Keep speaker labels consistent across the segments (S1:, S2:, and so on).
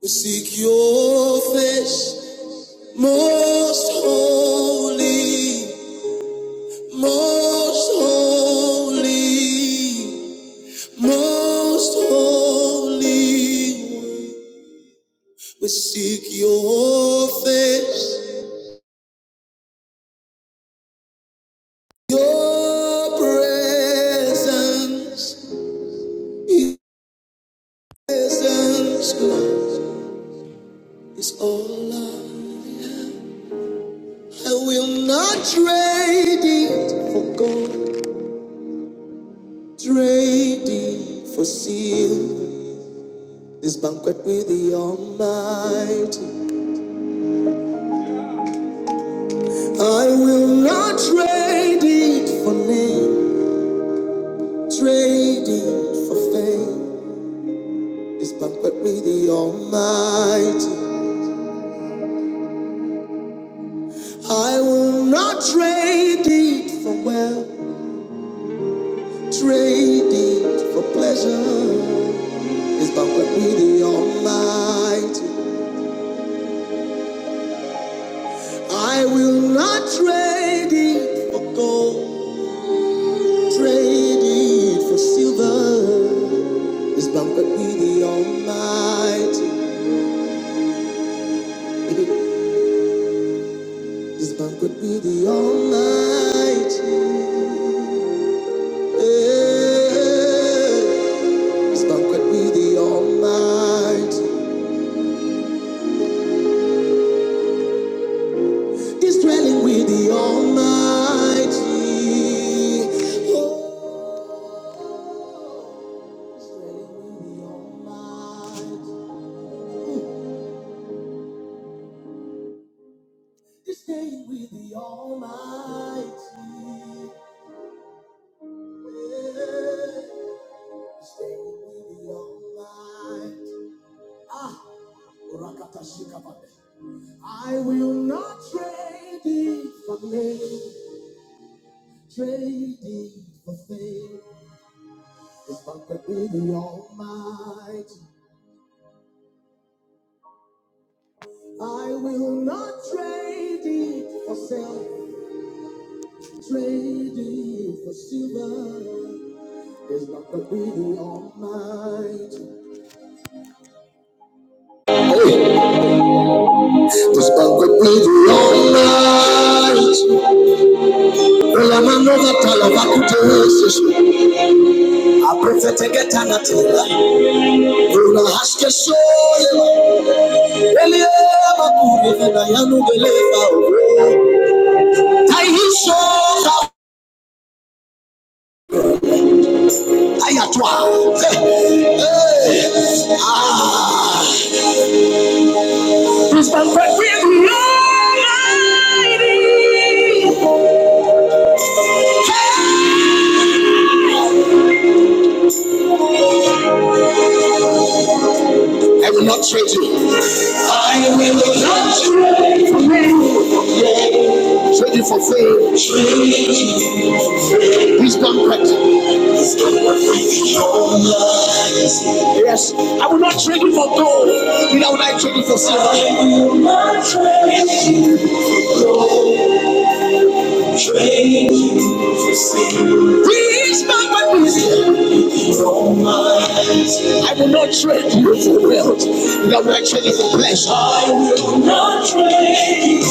S1: We seek your face, most holy, most holy, most holy. We seek your face, your presence, your presence, God, is all I. I will not trade it for gold, trade it for silver. This banquet with the Almighty, I will not trade it for name, trade it for fame. This banquet with the Almighty, I will not trade it for wealth, trade it for pleasure. This banquet with the Almighty, I will not trade it for gold, trade it for silver. This banquet could be the Almighty. This banquet could be the Almighty. Yeah. This banquet could be the Almighty. This dwelling with the Almighty. Oh, this dwelling with the Almighty. This staying with the Almighty. Yeah. This staying with the Almighty. Ah. I will not trade it for me, trade it for fame. This banquet with the Almighty. I will not trade it for self, trade it for silver. This banquet with the Almighty. Hey, this banquet with the Almighty. Well, I'm another pal of Akutasis. I prefer to get another. Unahashka shoyema, eliyema kurivina yanu beleva uwe. Taihisho ayatwa. Eh, eh, ah. I will not trade you. Trade you for fame, wisdom, practice. Yes. I will not trade you for gold. Neither will I trade you for I will not trade you for wealth, nor will I trade you for pleasure. I will not trade you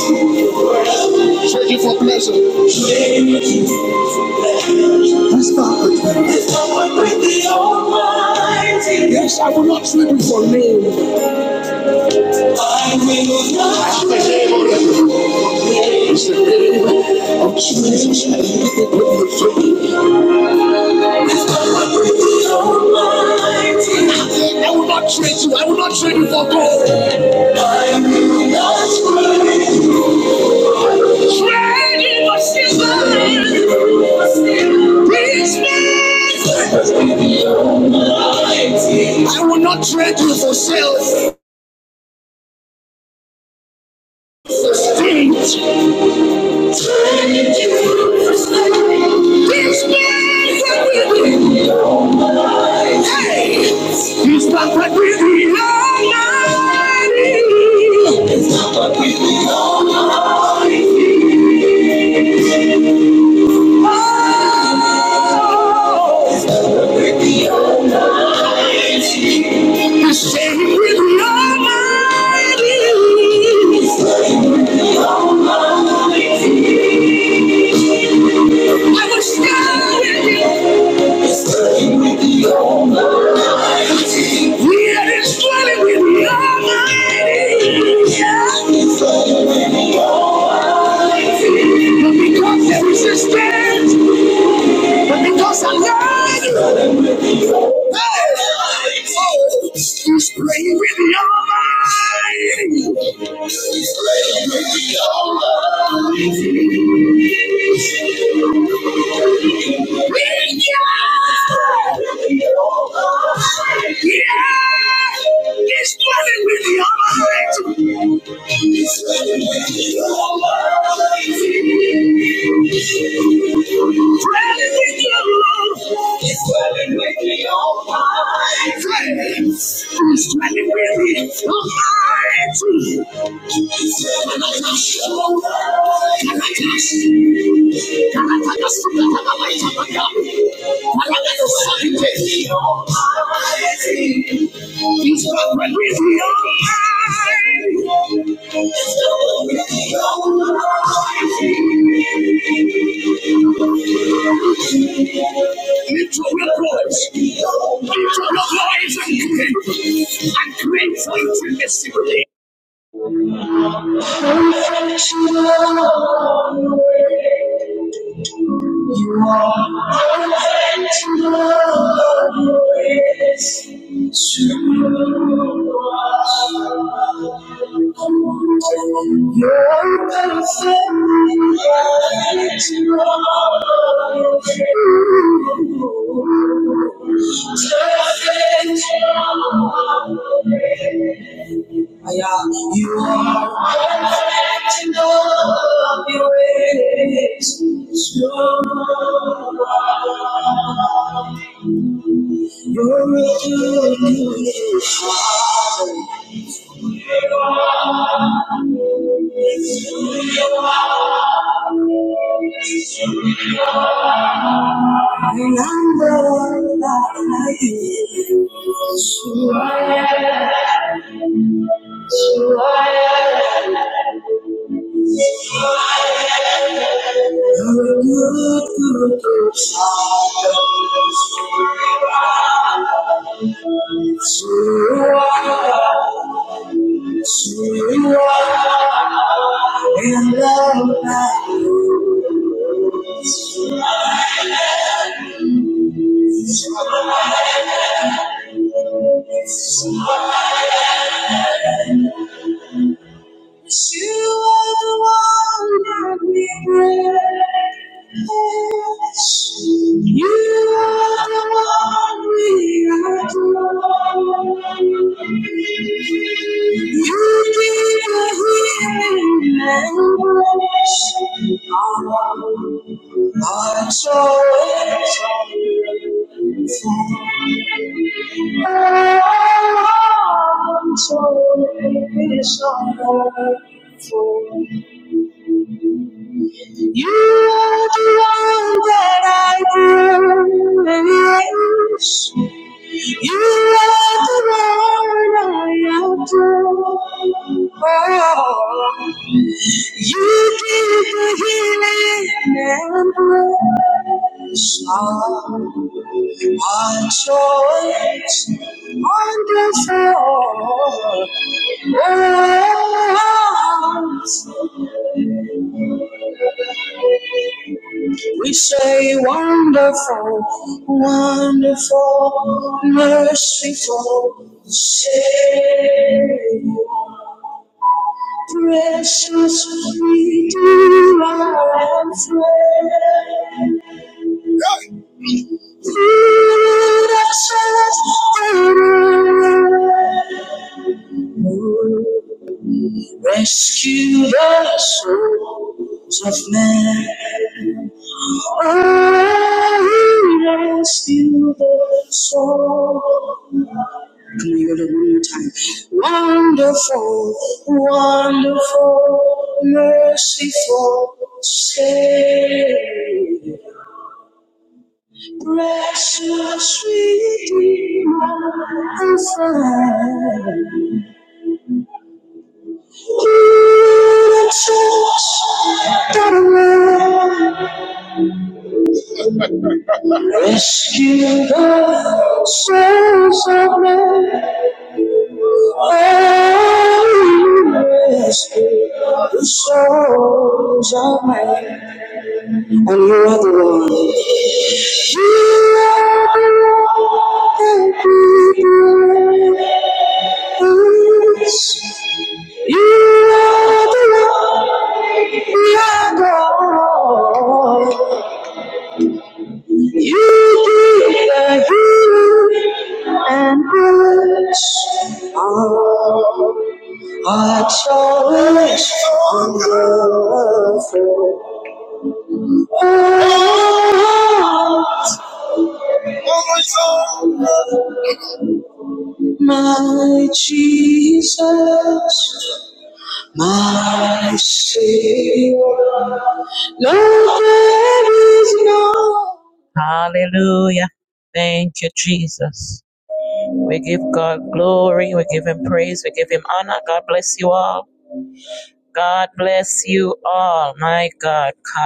S1: for wealth. Trade you for pleasure. Trade you for someone with the Almighty. Yes, I will not trade you for name. I will not trade you I will not trade you. I will not trade you for gold. I will not trade you. I will not trade you for self esteem. This man is not what we do. It's not what we do. It's not what we do. It's not what we do. Resistance, but because I love you. oh, he's playing with your mind. He's playing with your mind. Bring your mind. Yeah. It's playing with your mind. He's playing with your mind. Playing with love swelling with your mind. Flames, swelling with your mind. Can I touch? Can I touch? Can I touch us from the light of the God? Can I get a second kiss? Almighty, He's not with your mind. It's not with your mind. Thank you. Lift up your voice. Lift up your voice and create. And create something this evening. Yeah, you are perfect in all of your ways. You are, You're doing it. And I'm the light I am. You are, You're a good, good, good Father. You are. You are in love. God. You are the one that we praise. You are the one we adore. You give the healing embrace. I'm so grateful. I'm so grateful. You are the one that I praise. You are the one I adore. You give the healing and my choice, wonderful words. We say wonderful, wonderful, merciful Savior, precious Redeemer and friend. Good excellent Father. Rescue the souls of men. Oh, rescue the souls. Can we hear that one more time? Wonderful, wonderful, merciful Savior. Precious Redeemer and friend. Precious of men. Hallelujah. Thank you, Jesus. We give God glory. We give Him praise. We give Him honor. God bless you all. God bless you all. My God.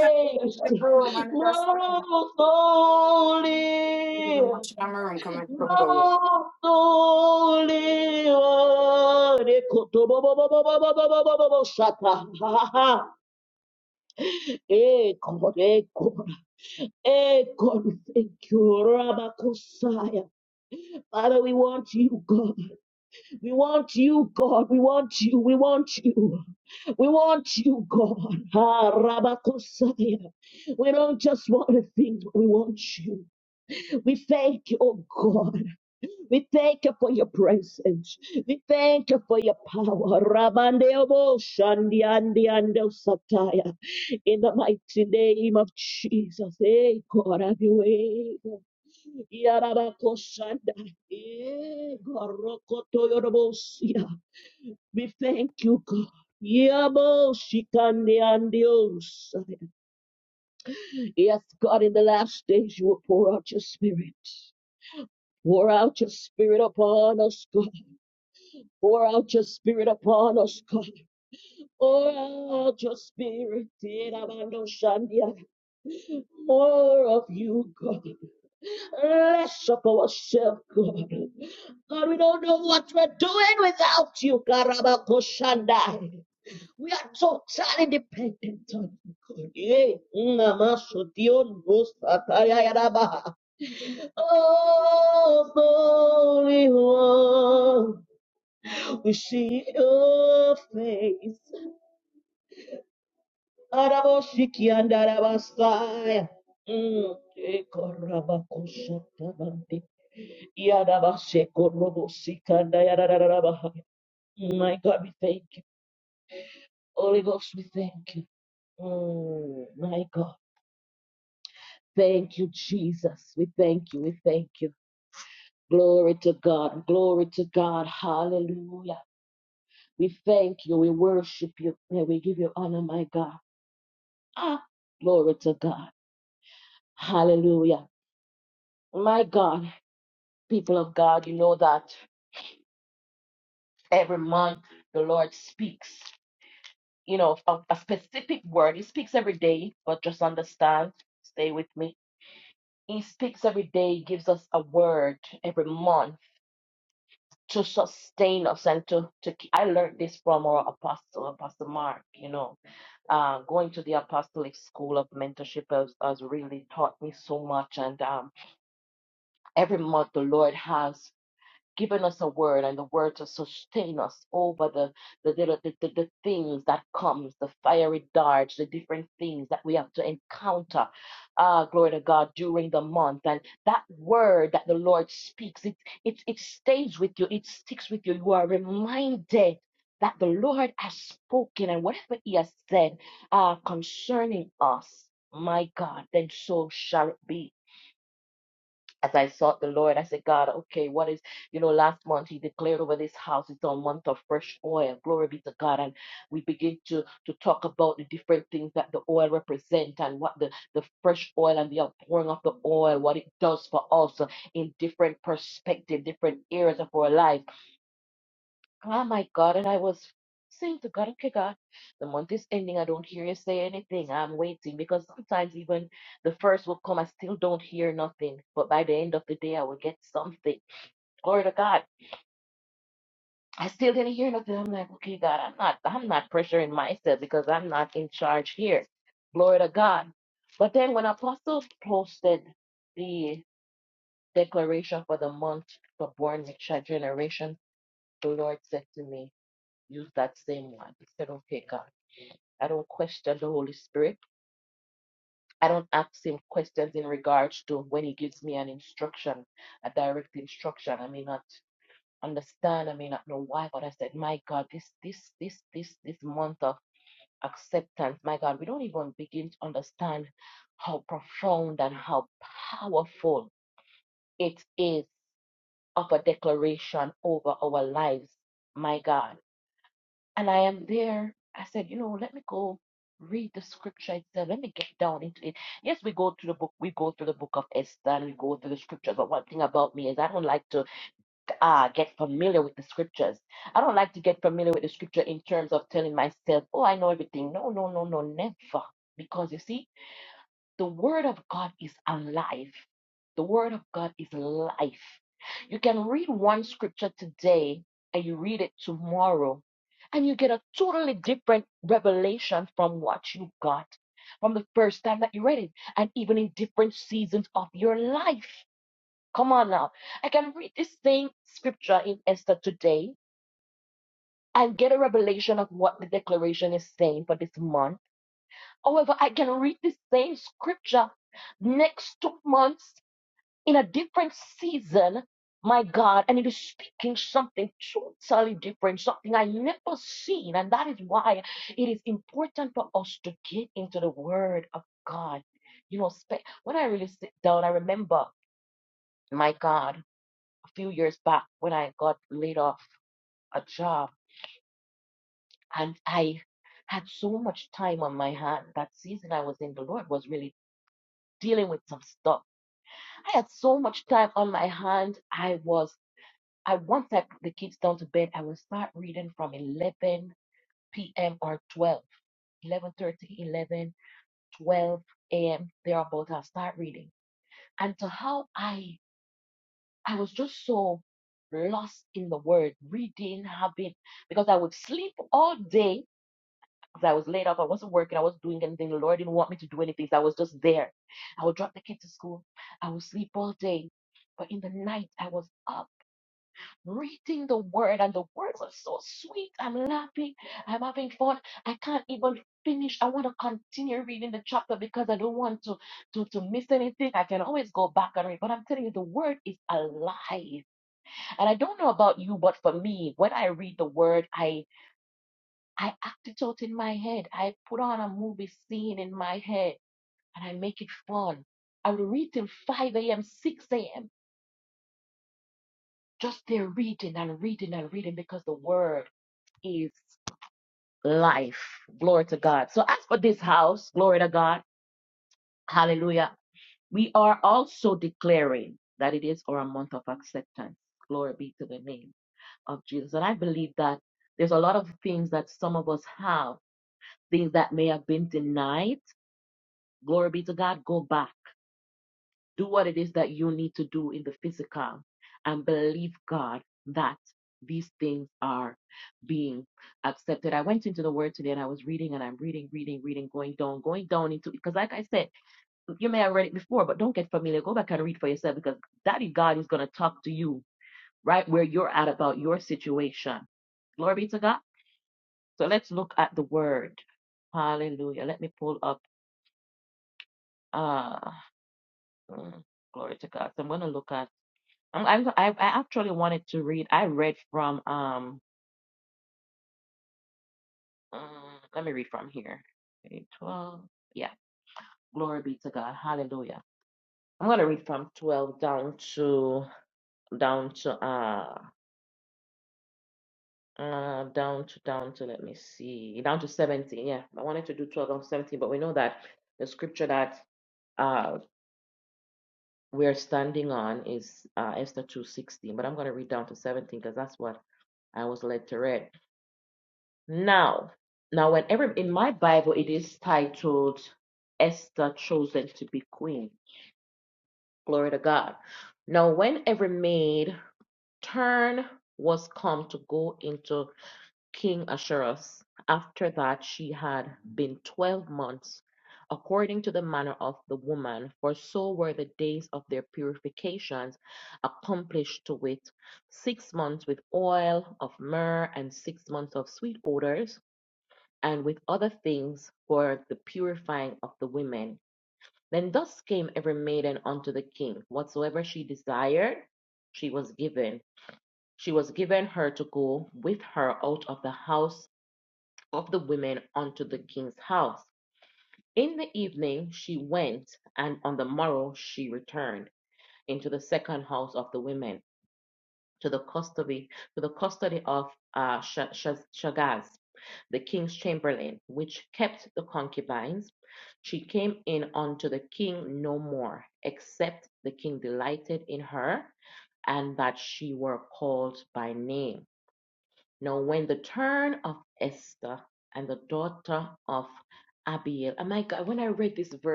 S2: Turn the broom and the dust. You don't watch my room. Come and come go.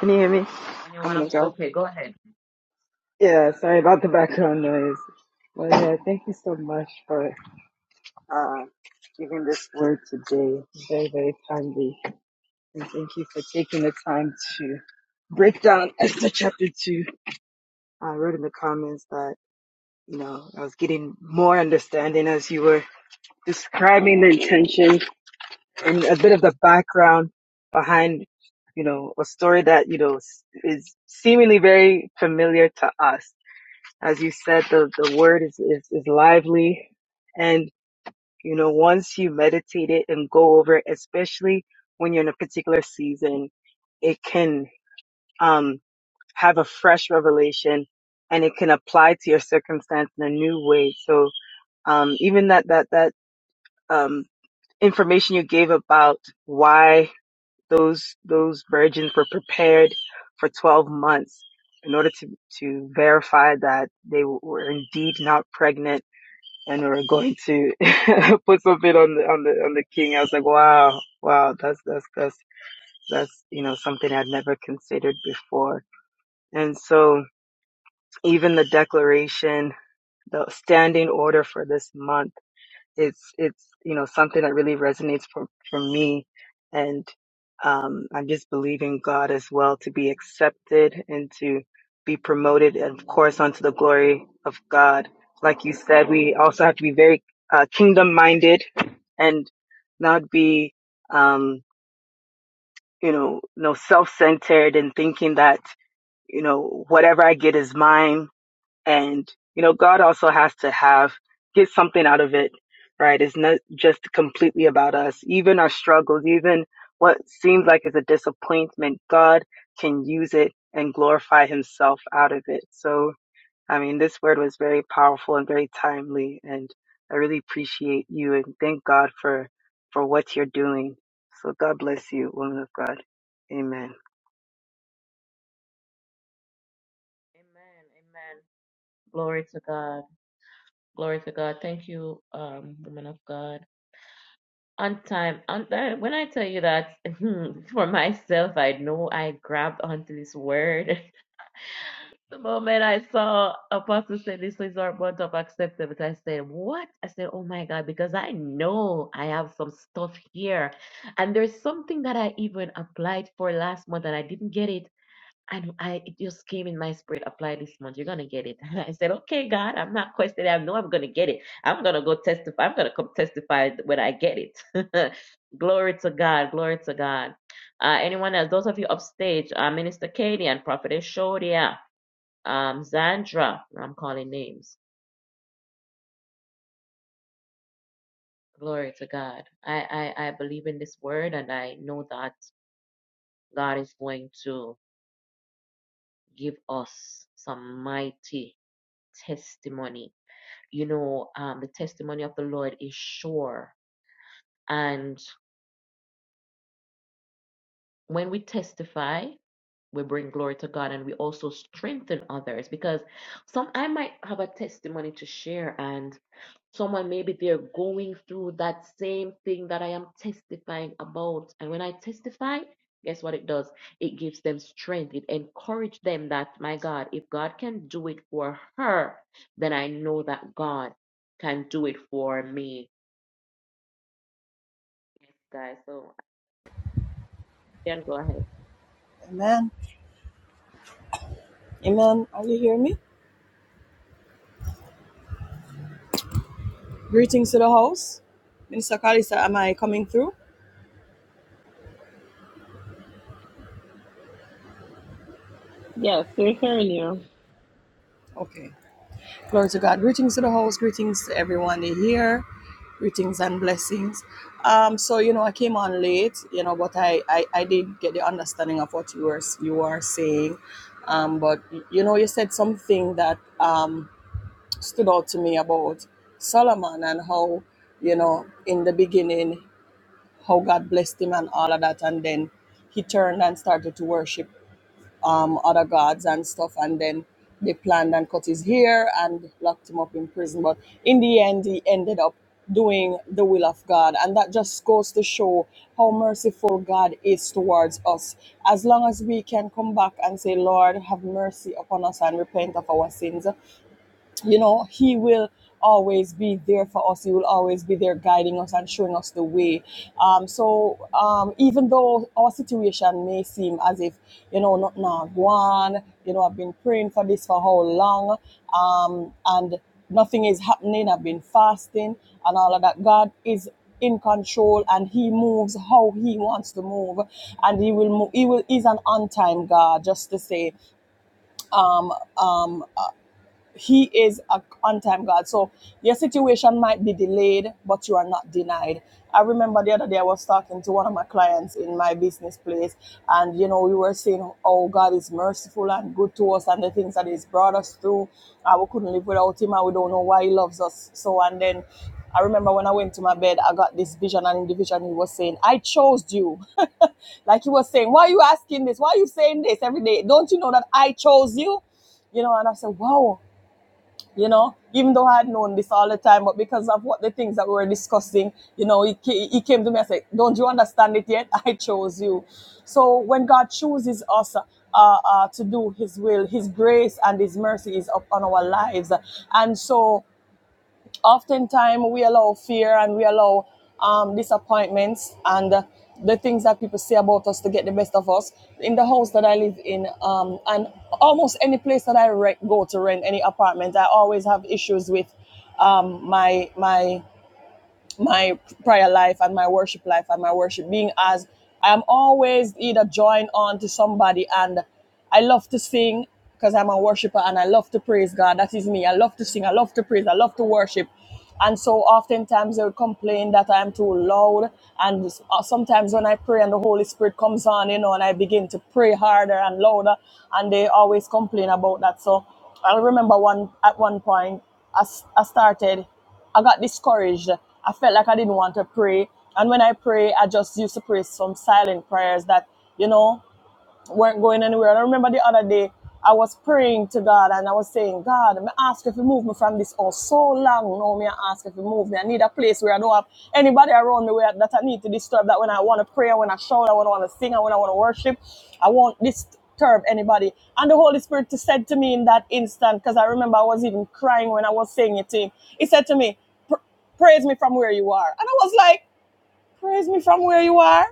S3: Can you hear me? I'm gonna, yeah, sorry about the background noise. Well, yeah, thank you so much for uh, giving this word today. Very, very timely. And thank you for taking the time to break down Esther chapter 2. I wrote in the comments that, you know, I was getting more understanding as you were describing the intention and a bit of the background behind, you know, a story that, you know, is seemingly very familiar to us As you said, the, the word is, is, is lively. And, you know, once you meditate it and go over it, especially when you're in a particular season, it can um, have a fresh revelation and it can apply to your circumstance in a new way. So um, even that that that um, information you gave about why those those virgins were prepared for 12 months in order to to verify that they were indeed not pregnant and we were going to put something on the on the on the king. I was like, wow, wow, that's that's that's that's you know something I'd never considered before. And so even the declaration, the standing order for this month it's it's you know something that really resonates for for me and um i'm just believing god as well to be accepted and to be promoted and of course unto the glory of god like you said we also have to be very uh, kingdom minded and not be um you know no self-centered and thinking that you know whatever i get is mine and you know god also has to have get something out of it right it's not just completely about us even our struggles even what seems like is a disappointment god can use it and glorify himself out of it so i mean this word was very powerful and very timely and i really appreciate you and thank god for for what you're doing so god bless you woman of god amen
S4: Amen. Amen. Are you hearing me? Greetings to the house. Minister Kalisa, am I coming through?
S5: Yes, we're hearing you.
S4: Okay. Glory to God. Greetings to the house. Greetings to everyone here. Greetings and blessings. Um, so you know, I came on late, you know, but I I, I did get the understanding of what you were you are saying. Um, but you know, you said something that um stood out to me about Solomon and how, you know, in the beginning how God blessed him and all of that. And then he turned and started to worship um, other gods and stuff. And then they planned and cut his hair and locked him up in prison. But in the end, he ended up doing the will of God. And that just goes to show how merciful God is towards us. As long as we can come back and say, Lord, have mercy upon us and repent of our sins, you know he will always be there for us he will always be there guiding us and showing us the way um, so um, even though our situation may seem as if you know not now go on you know i've been praying for this for how long um, and nothing is happening i've been fasting and all of that god is in control and he moves how he wants to move and he will move he will is an on time god just to say he is an on-time God. So your situation might be delayed, but you are not denied. I remember the other day I was talking to one of my clients in my business place, and you know we were saying, "Oh, God is merciful and good to us, and the things that He's brought us through. Uh, we couldn't live without Him, and we don't know why He loves us." So, and then I remember when I went to my bed, I got this vision, and in the vision He was saying, "I chose you." like He was saying, "Why are you asking this? Why are you saying this every day? Don't you know that I chose you?" you know and i said wow you know, even though I had known this all the time, but because of what the things that we were discussing, you know, he, he came to me and said, Don't you understand it yet? I chose you. So when God chooses us, uh, uh, to do His will, His grace and His mercy is upon our lives. And so oftentimes we allow fear and we allow um, disappointments and uh, the things that people say about us to get the best of us. In the house that I live in, um, and almost any place that I rent, go to rent, any apartment, I always have issues with um, my my my prayer life and my worship life and my worship being as I am always either joined on to somebody and I love to sing because I'm a worshiper and I love to praise God. That is me. I love to sing. I love to praise. I love to worship. And so oftentimes they would complain that I'm too loud. And s- uh, sometimes when I pray and the Holy Spirit comes on, you know, and I begin to pray harder and louder, and they always complain about that. So I remember one at one point I, s- I started. I got discouraged. I felt like I didn't want to pray. And when I pray, I just used to pray some silent prayers that, you know, weren't going anywhere. And I remember the other day, I was praying to God and I was saying, God, I'm asking if you move me from this house so long now. Me ask if you move me. I need a place where I don't have anybody around me where, that I need to disturb. That when I want to pray, when I shout, I want to want to sing, and when I want to worship, I won't disturb anybody. And the Holy Spirit said to me in that instant, because I remember I was even crying when I was saying it to Him. He said to me, "Pr- "Praise me from where you are," and I was like, "Praise me from where you are."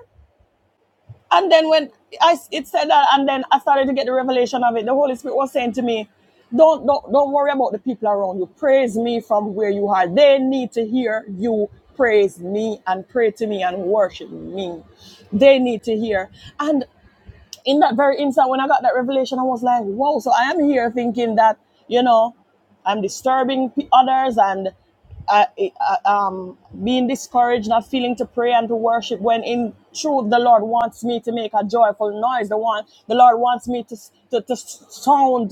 S4: And then when I it said that, and then I started to get the revelation of it. The Holy Spirit was saying to me, "Don't don't don't worry about the people around you. Praise me from where you are. They need to hear you praise me and pray to me and worship me. They need to hear." And in that very instant, when I got that revelation, I was like, "Wow!" So I am here thinking that you know I'm disturbing p- others, and uh, eh, uh, um, being discouraged, not feeling to pray and to worship when in truth the Lord wants me to make a joyful noise. The one the Lord wants me to to, to sound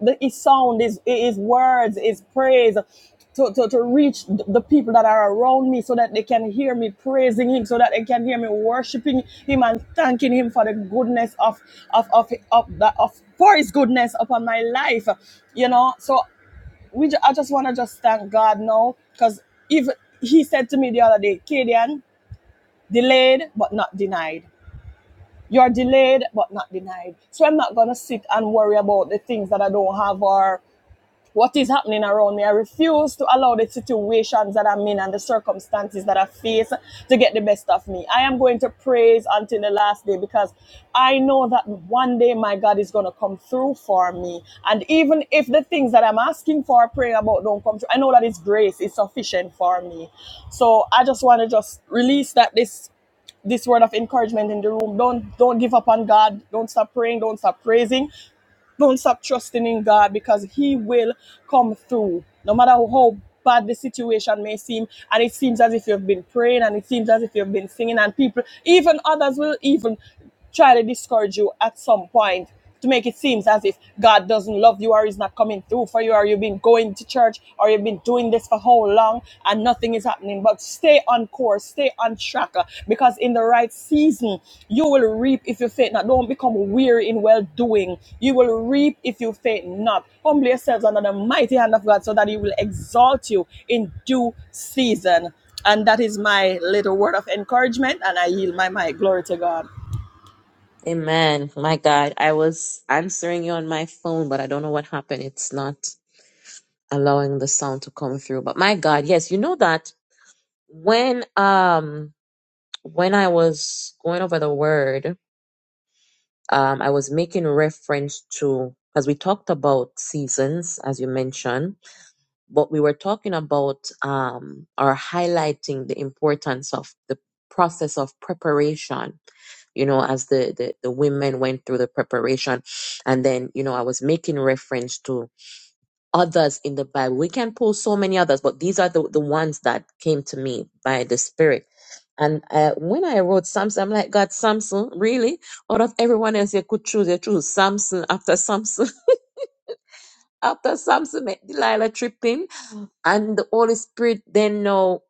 S4: the his sound is his words, his praise. To, to, to reach the people that are around me so that they can hear me praising him so that they can hear me worshiping him and thanking him for the goodness of of of, of, the, of for his goodness upon my life you know so we ju- I just want to just thank God now because if he said to me the other day, Kadian, delayed but not denied. You're delayed but not denied. So I'm not gonna sit and worry about the things that I don't have or what is happening around me. I refuse to allow the situations that I'm in and the circumstances that I face to get the best of me. I am going to praise until the last day because I know that one day my God is going to come through for me. And even if the things that I'm asking for prayer about don't come true, I know that His grace is sufficient for me. So I just want to just release that this this word of encouragement in the room don't don't give up on god don't stop praying don't stop praising don't stop trusting in God because He will come through. No matter how bad the situation may seem, and it seems as if you've been praying, and it seems as if you've been singing, and people, even others, will even try to discourage you at some point to make it seem as if God doesn't love you or He's not coming through for you, or you've been going to church, or you've been doing this for how long, wrong and nothing is happening. But stay on course, stay on track, uh, because in the right season, you will reap if you faint not. Don't become weary in well doing. You will reap if you faint not. Humble yourselves under the mighty hand of God so that He will exalt you in due season. And that is my little word of encouragement, and I yield my mic. Glory to God.
S6: Amen. My God, I was answering you on my phone, but I don't know what happened. It's not allowing the sound to come through. But my God, yes, you know that when um when I was going over the word, um I was making reference to because we talked about seasons as you mentioned, but we were talking about um or highlighting the importance of the process of preparation you know, as the, the, the women went through the preparation. And then, you know, I was making reference to others in the Bible. We can pull so many others, but these are the, the ones that came to me by the Spirit. And uh, when I wrote Samson, I'm like, God, Samson, really? Out of everyone else you could choose, you choose Samson after Samson, after Samson, make Delilah tripping. And the Holy Spirit then now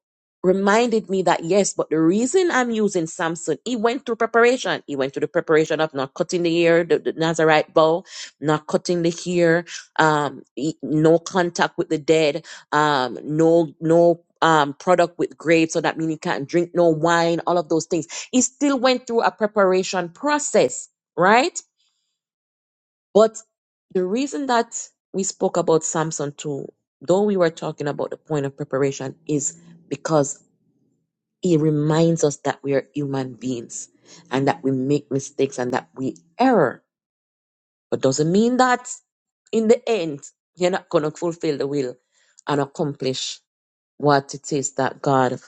S6: reminded me that yes, but the reason I'm using Samson, he went through preparation. He went through the preparation of not cutting the hair, the, the Nazarite bow, not cutting the hair, um, he- no contact with the dead, um, no, no. Um, product with grapes, so that means he can't drink no wine, all of those things. He still went through a preparation process, right? But the reason that we spoke about Samson too, though we were talking about the point of preparation, is because he reminds us that we are human beings and that we make mistakes and that we err. But doesn't mean that in the end you're not gonna fulfill the will and accomplish what it is that God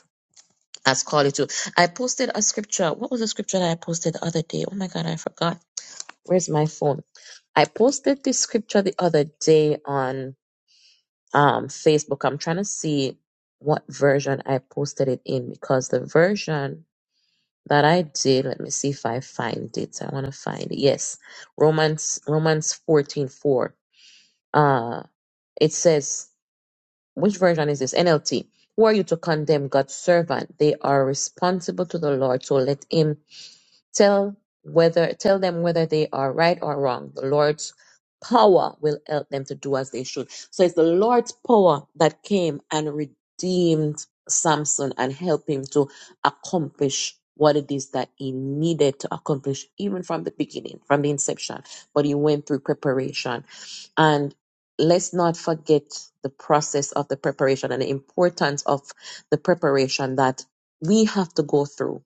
S6: has called you to. I posted a scripture. What was the scripture that I posted the other day? Oh my god, I forgot. Where's my phone? I posted this scripture the other day on um, Facebook. I'm trying to see what version I posted it in because the version that I did, let me see if I find it. I want to find it. Yes. Romans Romans fourteen four. 4. Uh it says, which version is this? NLT. Who are you to condemn God's servant? They are responsible to the Lord, so let him Tell whether tell them whether they are right or wrong. The Lord's power will help them to do as they should. So it's the Lord's power that came and redeemed Samson and helped him to accomplish what it is that he needed to accomplish even from the beginning, from the inception. But he went through preparation. And let's not forget the process of the preparation and the importance of the preparation that we have to go through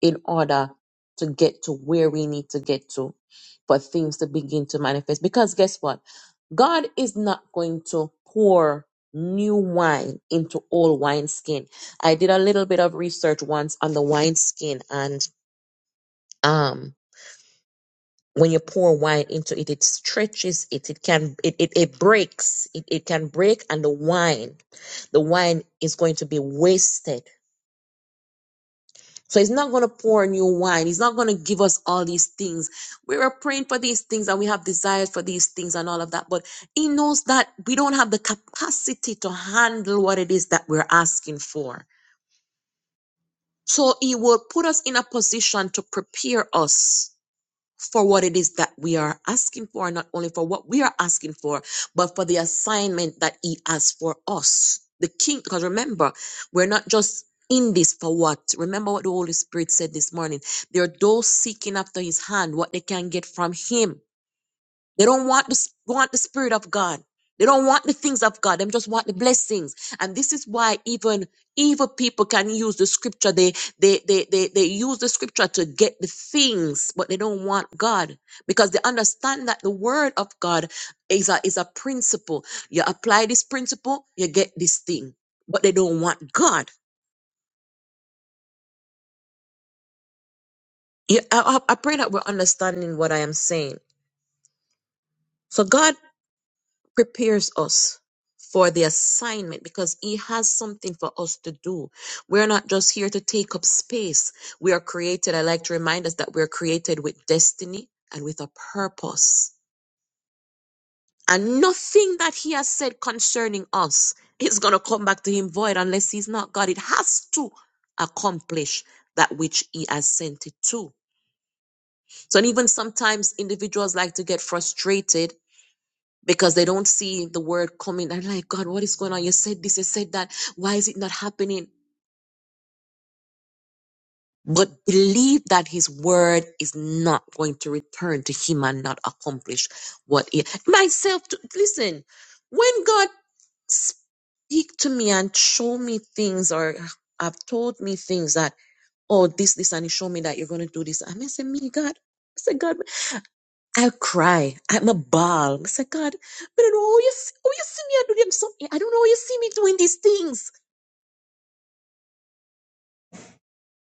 S6: in order to get to where we need to get to for things to begin to manifest. Because guess what? God is not going to pour new wine into old wineskin. I did a little bit of research once on the wineskin and um when you pour wine into it, it stretches it. It can it it, it breaks. It, it can break and the wine, the wine is going to be wasted So he's not going to pour new wine. He's not going to give us all these things. We were praying for these things and we have desires for these things and all of that. But he knows that we don't have the capacity to handle what it is that we're asking for. So he will put us in a position to prepare us for what it is that we are asking for, not only for what we are asking for, but for the assignment that He has for us. The King, because remember, we're not just in this for what. Remember what the Holy Spirit said this morning. There are those seeking after His hand, what they can get from Him. They don't want the, want the spirit of God. They don't want the things of God. They just want the blessings. And this is why even evil people can use the scripture. They, they, they, they, they use the scripture to get the things, but they don't want God because they understand that the word of God is a, is a principle. You apply this principle, you get this thing, but they don't want God. You, I, I I pray that we're understanding what I am saying. So God prepares us for the assignment because he has something for us to do. We're not just here to take up space. We are created. I like to remind us that we're created with destiny and with a purpose. And nothing that he has said concerning us is going to come back to him void unless he's not God. It has to accomplish that which he has sent it to. So, and even sometimes individuals like to get frustrated because they don't see the word coming. I'm like, God, what is going on? You said this, you said that. Why is it not happening? But believe that his word is not going to return to him and not accomplish what it myself. To, listen, when God speak to me and show me things or have told me things that, oh, this, this, and he showed me that you're going to do this. I'm going to say, me, God." I said, God. I cry. I'm a ball. I say, God, I don't know how you, s- how you see me I do them something. I don't know how you see me doing these things.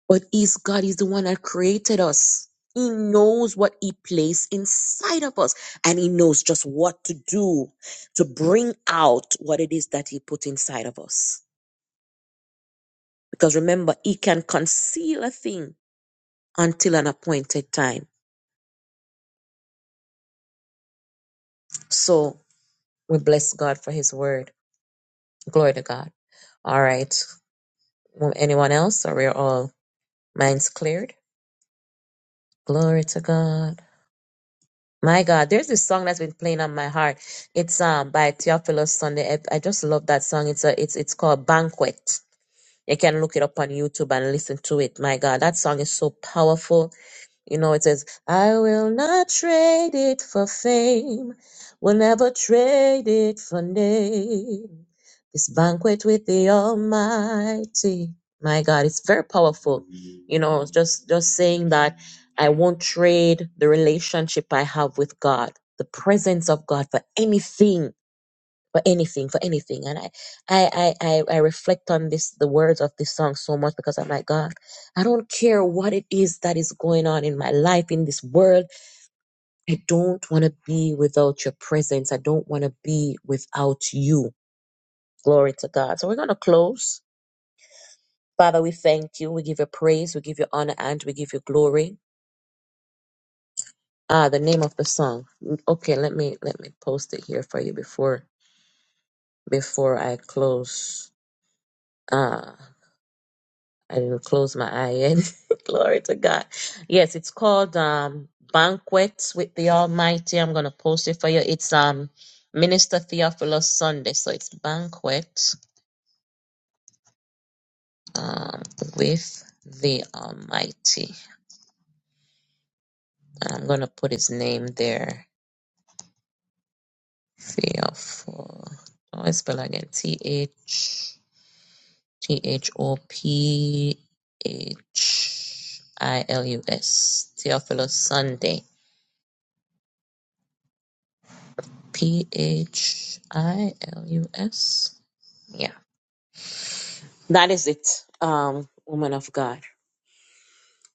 S6: But He's God. He's the one that created us. He knows what He placed inside of us. And He knows just what to do to bring out what it is that He put inside of us. Because remember, He can conceal a thing until an appointed time. So we bless God for His word. Glory to God. All right. Anyone else? Or we're all Mine's cleared. Glory to God. My God, there's this song that's been playing on my heart. It's um by Theophilus Sunday. I, I just love that song. It's a it's it's called Banquet. You can look it up on YouTube and listen to it. My God, that song is so powerful. You know, it says, I will not trade it for fame, will never trade it for name. This banquet with the Almighty. My God, it's very powerful. You know, just just saying that I won't trade the relationship I have with God, the presence of God for anything for anything, for anything. And I, I, I, I, I reflect on this, the words of this song so much because I'm like, God, I don't care what it is that is going on in my life, in this world. I don't want to be without your presence. I don't want to be without you. Glory to God. So we're going to close. Father, we thank you. We give you praise. We give you honor and we give you glory. Ah, the name of the song. Okay, let me let me post it here for you before before I close. Ah. I will close my eye and glory to God. Yes, it's called um Banquets with the Almighty. I'm gonna post it for you. It's um Minister Theophilus Sunday. So it's Banquet um with the Almighty. I'm gonna put his name there. Theophilus. Oh, I spell again. T H T H O P H I L U S. Theophilus Sunday P H I L U S. Yeah, that is it, um, woman of God.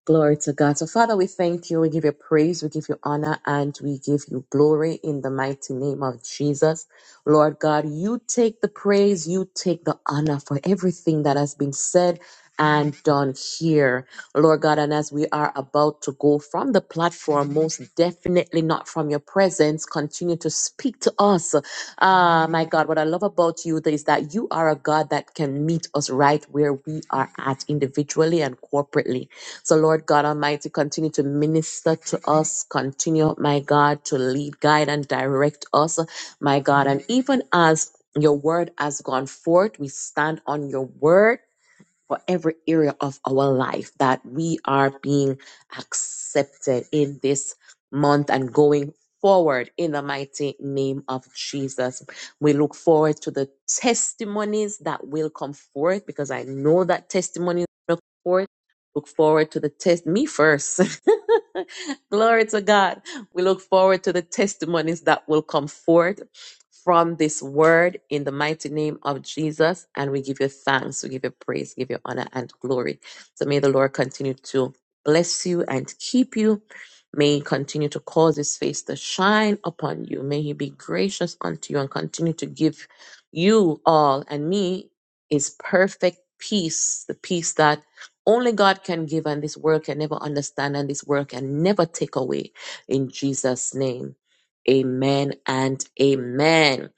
S6: Glory to God. So, Father, we thank you. We give you praise. We give you honor and we give you glory in the mighty name of Jesus. Lord God, you take the praise, you take the honor for everything that has been said and done here. Lord God, and as we are about to go from the platform, most definitely not from your presence, continue to speak to us. Ah, my God, what I love about you is that you are a God that can meet us right where we are at individually and corporately. So, Lord God Almighty, continue to minister to us. Continue, my God, to lead, guide, and direct us, my God. And even as your word has gone forth, we stand on your word for every area of our life that we are being accepted in this month and going forward in the mighty name of Jesus. We look forward to the testimonies that will come forth because I know that testimonies will come forth. Look forward to the test. Me first. Glory to God. We look forward to the testimonies that will come forth from this word in the mighty name of Jesus. And we give you thanks, we give you praise, give you honor and glory. So may the Lord continue to bless you and keep you. May he continue to cause his face to shine upon you. May he be gracious unto you and continue to give you all and me is perfect peace, the peace that only God can give and this world can never understand and this world can never take away in Jesus' name. Amen and amen.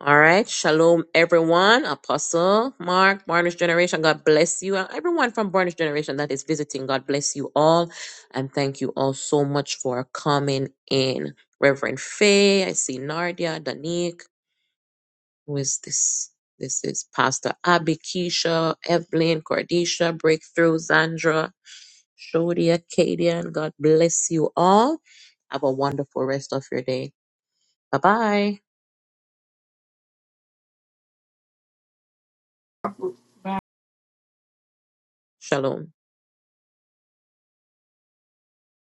S6: All right. Shalom, everyone. Apostle Mark, Barnish Generation, God bless you. And everyone from Barnish Generation that is visiting, God bless you all. And thank you all so much for coming in. Reverend Faye, I see Nardia, Danique. Who is this? This is Pastor Abby, Keisha, Evelyn, Cordisha, Breakthrough, Zandra, Shodia, Kadian. God bless you all. Have a wonderful rest of your day. Bye bye. Shalom.